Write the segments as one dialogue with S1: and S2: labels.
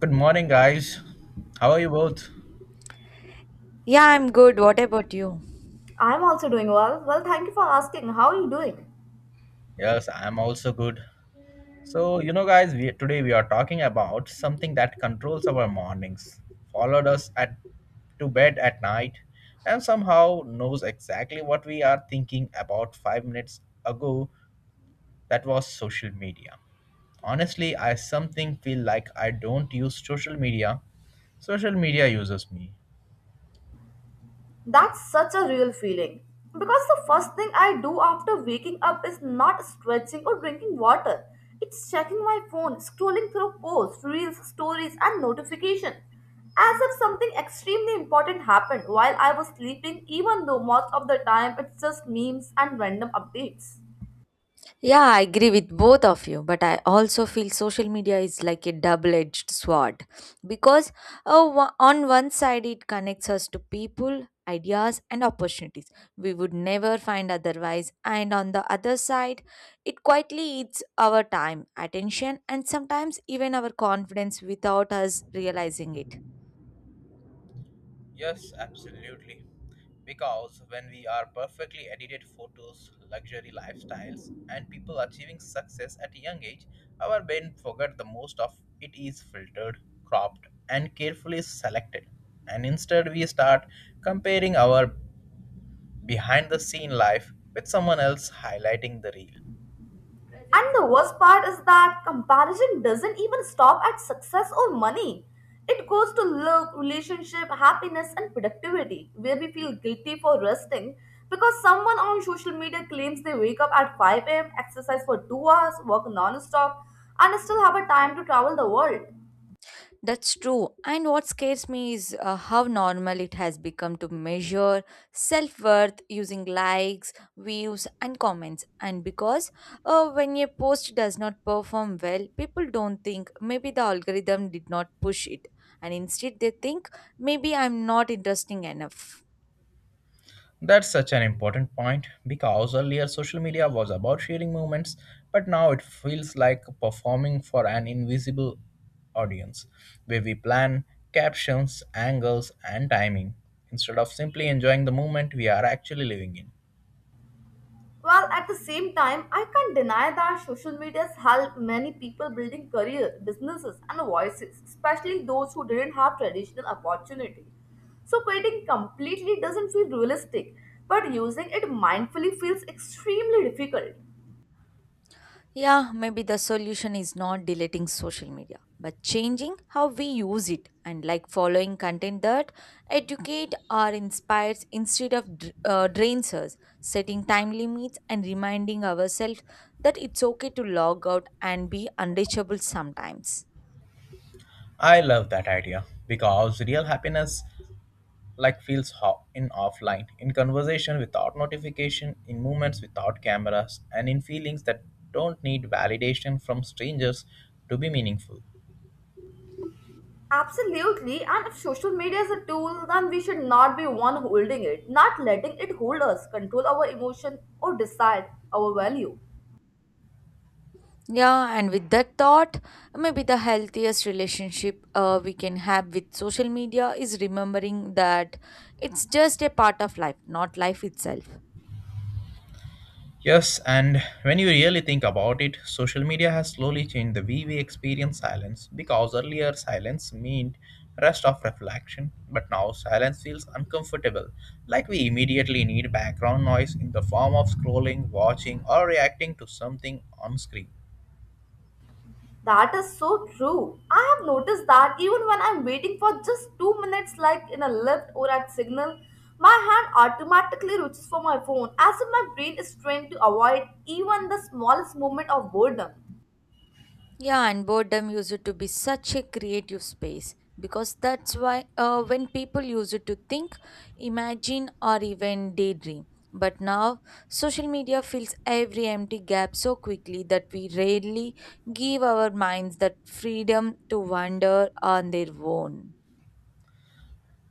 S1: Good morning, guys. How are you both?
S2: Yeah, I'm good. What about you?
S3: I'm also doing well. Well, thank you for asking. How are you doing?
S1: Yes, I am also good. So, guys, today we are talking about something that controls our mornings, followed us at to bed at night, and somehow knows exactly what we are thinking about 5 minutes ago. That was social media. Honestly, I something feel like I don't use social media. Social media uses me.
S3: That's such a real feeling. Because the first thing I do after waking up is not stretching or drinking water. It's checking my phone, scrolling through posts, reels, stories, and notifications. As if something extremely important happened while I was sleeping, even though most of the time it's just memes and random updates.
S2: Yeah, I agree with both of you, but I also feel social media is like a double edged sword because on one side it connects us to people, ideas, and opportunities we would never find otherwise, and on the other side, it quietly eats our time, attention, and sometimes even our confidence without us realizing it.
S1: Yes, absolutely. Because when we are perfectly edited photos, luxury lifestyles, and people achieving success at a young age, our brain forget the most of it is filtered, cropped, and carefully selected. And instead, we start comparing our behind the scene life with someone else highlighting the real.
S3: And the worst part is that comparison doesn't even stop at success or money. It goes to look, relationship, happiness, and productivity, where we feel guilty for resting because someone on social media claims they wake up at 5 a.m., exercise for 2 hours, work non stop, and still have a time to travel the world.
S2: That's true. And what scares me is how normal it has become to measure self worth using likes, views, and comments. And because when a post does not perform well, people don't think maybe the algorithm did not push it. And instead, they think maybe I'm not interesting enough.
S1: That's such an important point because earlier social media was about sharing moments, but now it feels like performing for an invisible audience where we plan captions, angles, and timing instead of simply enjoying the moment we are actually living in.
S3: Well, at the same time, I can't deny that social media has helped many people building career, businesses, and voices, especially those who didn't have traditional opportunity. So quitting completely doesn't feel realistic, but using it mindfully feels extremely difficult.
S2: Yeah, maybe the solution is not deleting social media, but changing how we use it and like following content that educate or inspires instead of drains us, setting time limits and reminding ourselves that it's okay to log out and be unreachable sometimes.
S1: I love that idea because real happiness like feels in offline, in conversation without notification, in moments without cameras, and in feelings that don't need validation from strangers to be meaningful.
S3: Absolutely, and if social media is a tool, then we should not be one holding it, not letting it hold us, control our emotion, or decide our value.
S2: Yeah, and with that thought, maybe the healthiest relationship we can have with social media is remembering that it's just a part of life, not life itself.
S1: Yes, and when you really think about it, social media has slowly changed the way we experience silence because earlier silence meant rest of reflection, but now silence feels uncomfortable, like we immediately need background noise in the form of scrolling, watching, or reacting to something on screen.
S3: That is so true. I have noticed that even when I'm waiting for just 2 minutes, like in a lift or at signal, my hand automatically reaches for my phone as if my brain is trained to avoid even the smallest moment of boredom.
S2: Yeah, and boredom used to be such a creative space because that's why when people used to think, imagine, or even daydream. But now, social media fills every empty gap so quickly that we rarely give our minds that freedom to wander on their own.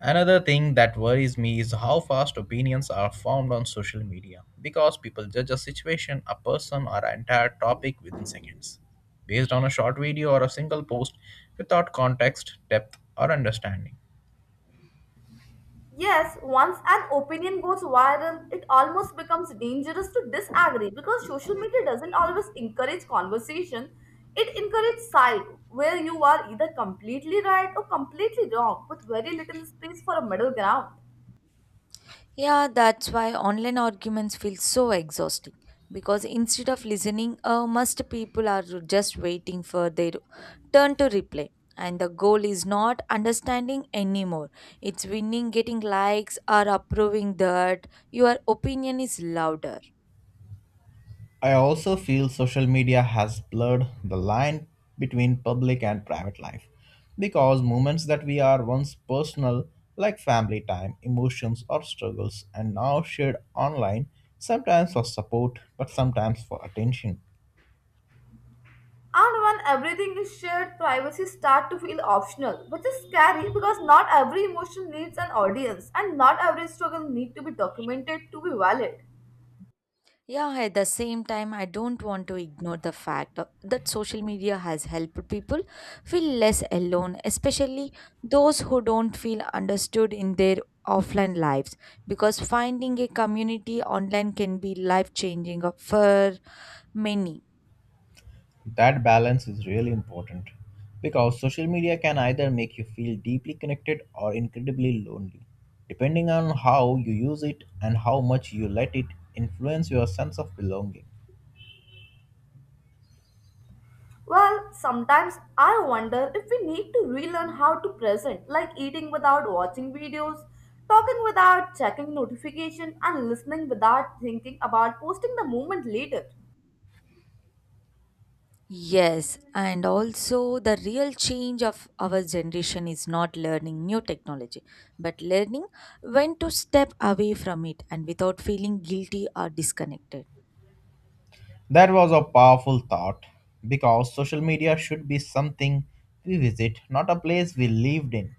S1: Another thing that worries me is how fast opinions are formed on social media because people judge a situation, a person, or an entire topic within seconds based on a short video or a single post without context, depth, or understanding.
S3: Yes, once an opinion goes viral, it almost becomes dangerous to disagree because social media doesn't always encourage conversation. It encourages side, where you are either completely right or completely wrong, with very little space for a middle ground.
S2: Yeah, that's why online arguments feel so exhausting because instead of listening, most people are just waiting for their turn to reply. And the goal is not understanding anymore. It's winning, getting likes, or approving that your opinion is louder.
S1: I also feel social media has blurred the line between public and private life because moments that we are once personal, like family time, emotions, or struggles, and now shared online, sometimes for support but sometimes for attention.
S3: And when everything is shared, privacy start to feel optional, which is scary because not every emotion needs an audience and not every struggle need to be documented to be valid.
S2: Yeah, at the same time, I don't want to ignore the fact that social media has helped people feel less alone, especially those who don't feel understood in their offline lives. Because finding a community online can be life changing for many.
S1: That balance is really important because social media can either make you feel deeply connected or incredibly lonely, depending on how you use it and how much you let it influence your sense of belonging.
S3: Well, sometimes I wonder if we need to relearn how to present, like eating without watching videos, talking without checking notification and listening without thinking about posting the moment later.
S2: Yes, and also the real change of our generation is not learning new technology, but learning when to step away from it and without feeling guilty or disconnected.
S1: That was a powerful thought because social media should be something we visit, not a place we lived in.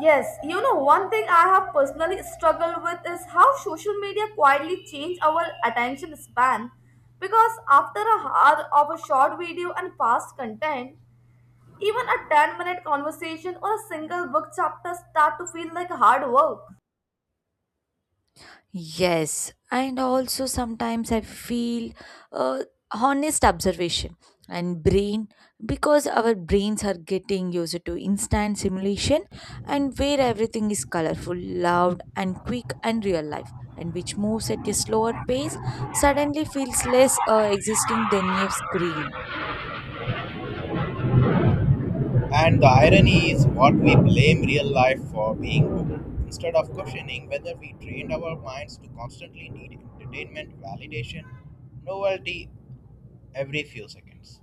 S3: Yes, you know, one thing I have personally struggled with is how social media quietly changed our attention span. Because after a hour of a short video and past content, even a 10-minute conversation or a single book chapter start to feel like hard work.
S2: Yes, and also sometimes I feel uh, honest observation and brain because our brains are getting used to instant simulation and where everything is colorful, loud, and quick, and real life, and which moves at a slower pace suddenly feels less existing than a screen.
S1: And the irony is what we blame real life for being Google instead of questioning whether we trained our minds to constantly need entertainment, validation, novelty every few seconds.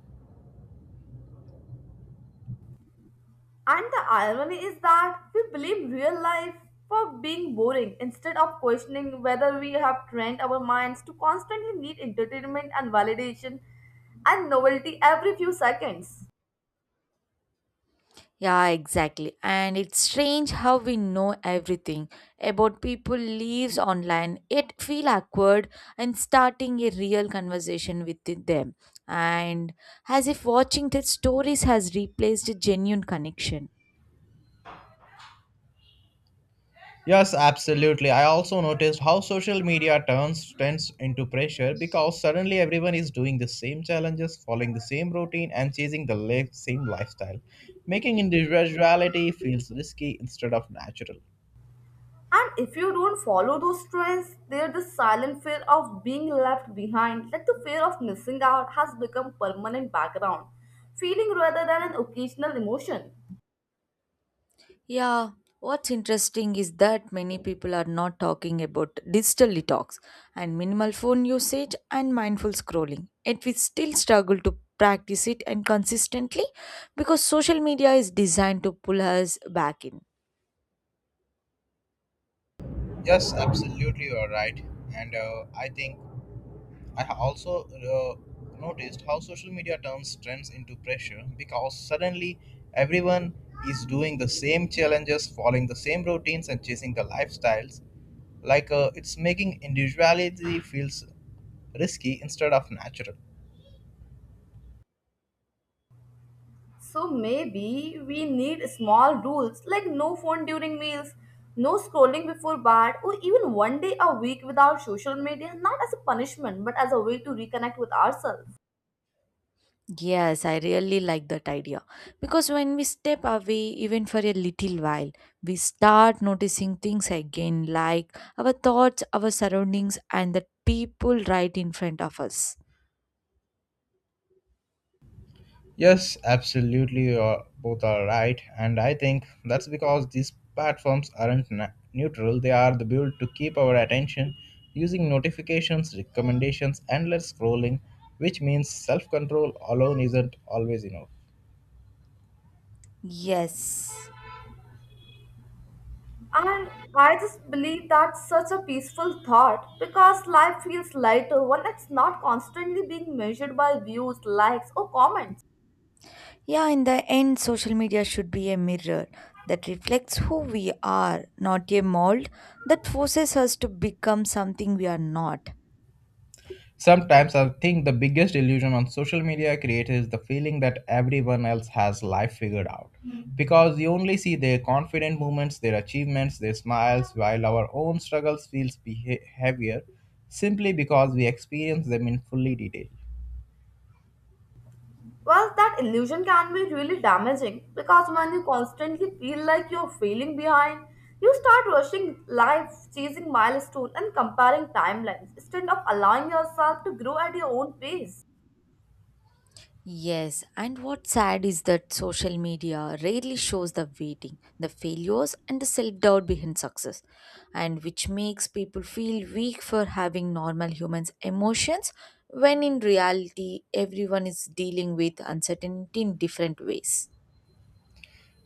S3: And the irony is that we blame real life for being boring instead of questioning whether we have trained our minds to constantly need entertainment and validation and novelty every few seconds.
S2: Yeah, exactly. And it's strange how we know everything about people lives online, yet feel awkward and starting a real conversation with them. And as if watching their stories has replaced a genuine connection.
S1: Yes, absolutely. I also noticed how social media turns trends into pressure because suddenly everyone is doing the same challenges, following the same routine, and chasing the same lifestyle, making individuality feels risky instead of natural.
S3: And if you don't follow those trends, there's the silent fear of being left behind, like the fear of missing out, has become permanent background, feeling rather than an occasional emotion.
S2: Yeah, what's interesting is that many people are not talking about digital detox and minimal phone usage and mindful scrolling. Yet we still struggle to practice it and consistently because social media is designed to pull us back in.
S1: Yes, absolutely, you are right. And I think I also noticed how social media turns trends into pressure because suddenly everyone is doing the same challenges, following the same routines, and chasing the lifestyles like it's making individuality feels risky instead of natural.
S3: So maybe we need small rules like no phone during meals, no scrolling before bed, or even one day a week without social media, not as a punishment but as a way to reconnect with ourselves.
S2: Yes, I really like that idea because when we step away, even for a little while, we start noticing things again like our thoughts, our surroundings, and the people right in front of us.
S1: Yes, absolutely, both are right. And I think that's because these platforms aren't neutral. They are the built to keep our attention using notifications, recommendations, endless scrolling, which means self-control alone isn't always enough.
S2: Yes.
S3: And I just believe that's such a peaceful thought because life feels lighter when it's not constantly being measured by views, likes, or comments.
S2: Yeah, in the end, social media should be a mirror that reflects who we are, not a mold that forces us to become something we are not.
S1: Sometimes I think the biggest illusion on social media creates is the feeling that everyone else has life figured out. Mm. Because you only see their confident movements, their achievements, their smiles, while our own struggles feels heavier simply because we experience them in fully detail.
S3: Well, that illusion can be really damaging because when you constantly feel like you're failing behind, you start rushing life, chasing milestones, and comparing timelines instead of allowing yourself to grow at your own pace.
S2: Yes, and what's sad is that social media rarely shows the waiting, the failures, and the self doubt behind success, and which makes people feel weak for having normal humans' emotions when in reality everyone is dealing with uncertainty in different ways.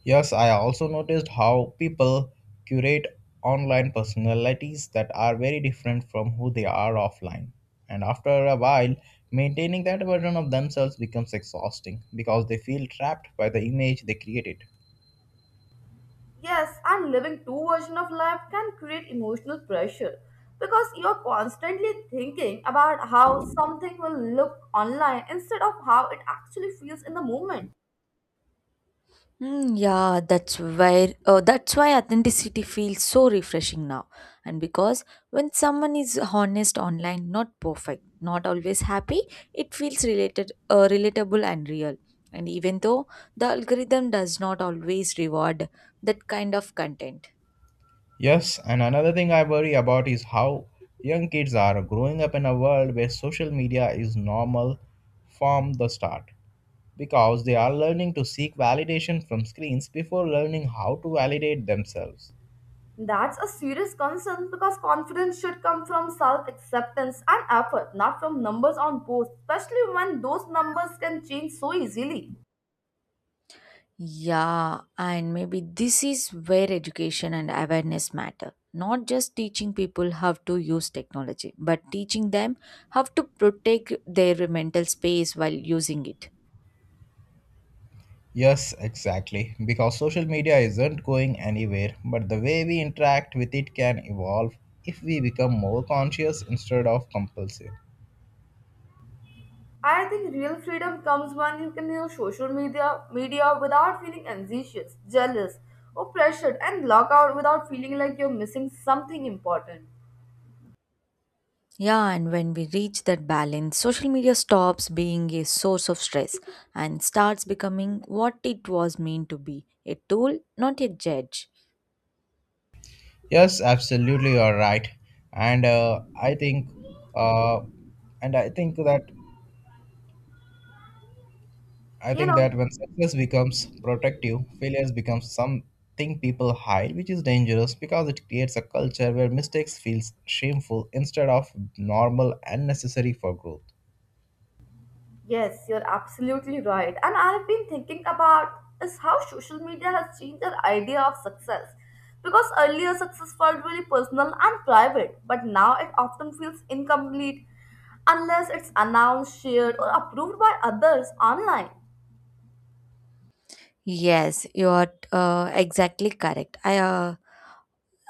S1: Yes, I also noticed how people curate online personalities that are very different from who they are offline. And after a while, maintaining that version of themselves becomes exhausting because they feel trapped by the image they created.
S3: Yes, and living two versions of life can create emotional pressure because you're constantly thinking about how something will look online instead of how it actually feels in the moment.
S2: Hmm. That's why authenticity feels so refreshing now. And because when someone is honest online, not perfect, not always happy, it feels relatable and real. And even though the algorithm does not always reward that kind of content.
S1: Yes, and another thing I worry about is how young kids are growing up in a world where social media is normal from the start because they are learning to seek validation from screens before learning how to validate themselves.
S3: That's a serious concern because confidence should come from self acceptance and effort, not from numbers on posts, especially when those numbers can change so easily.
S2: Yeah, and maybe this is where education and awareness matter. Not just teaching people how to use technology, but teaching them how to protect their mental space while using it.
S1: Yes, exactly. Because social media isn't going anywhere, but the way we interact with it can evolve if we become more conscious instead of compulsive.
S3: I think real freedom comes when you can use social media without feeling anxious, jealous, or pressured, and log out without feeling like you're missing something important.
S2: Yeah, and when we reach that balance, social media stops being a source of stress and starts becoming what it was meant to be a tool, not a judge.
S1: Yes, absolutely, you're right. And I think, uh, and I
S3: You
S1: think
S3: know,
S1: that when success becomes protective, failures becomes something people hide, which is dangerous because it creates a culture where mistakes feels shameful instead of normal and necessary for growth.
S3: yes, you're absolutely right. And I've been thinking about is how social media has changed our idea of success. Because earlier success felt really personal and private, but now it often feels incomplete unless it's announced, shared, or approved by others online.
S2: Yes, you are exactly correct.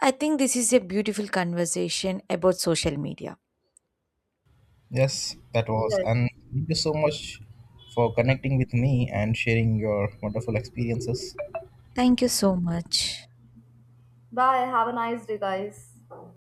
S2: I think this is a beautiful conversation about social media.
S1: Yes, that was.
S3: Yes.
S1: And thank you so much for connecting with me and sharing your wonderful experiences.
S2: Thank you so much.
S3: Bye. Have a nice day, guys.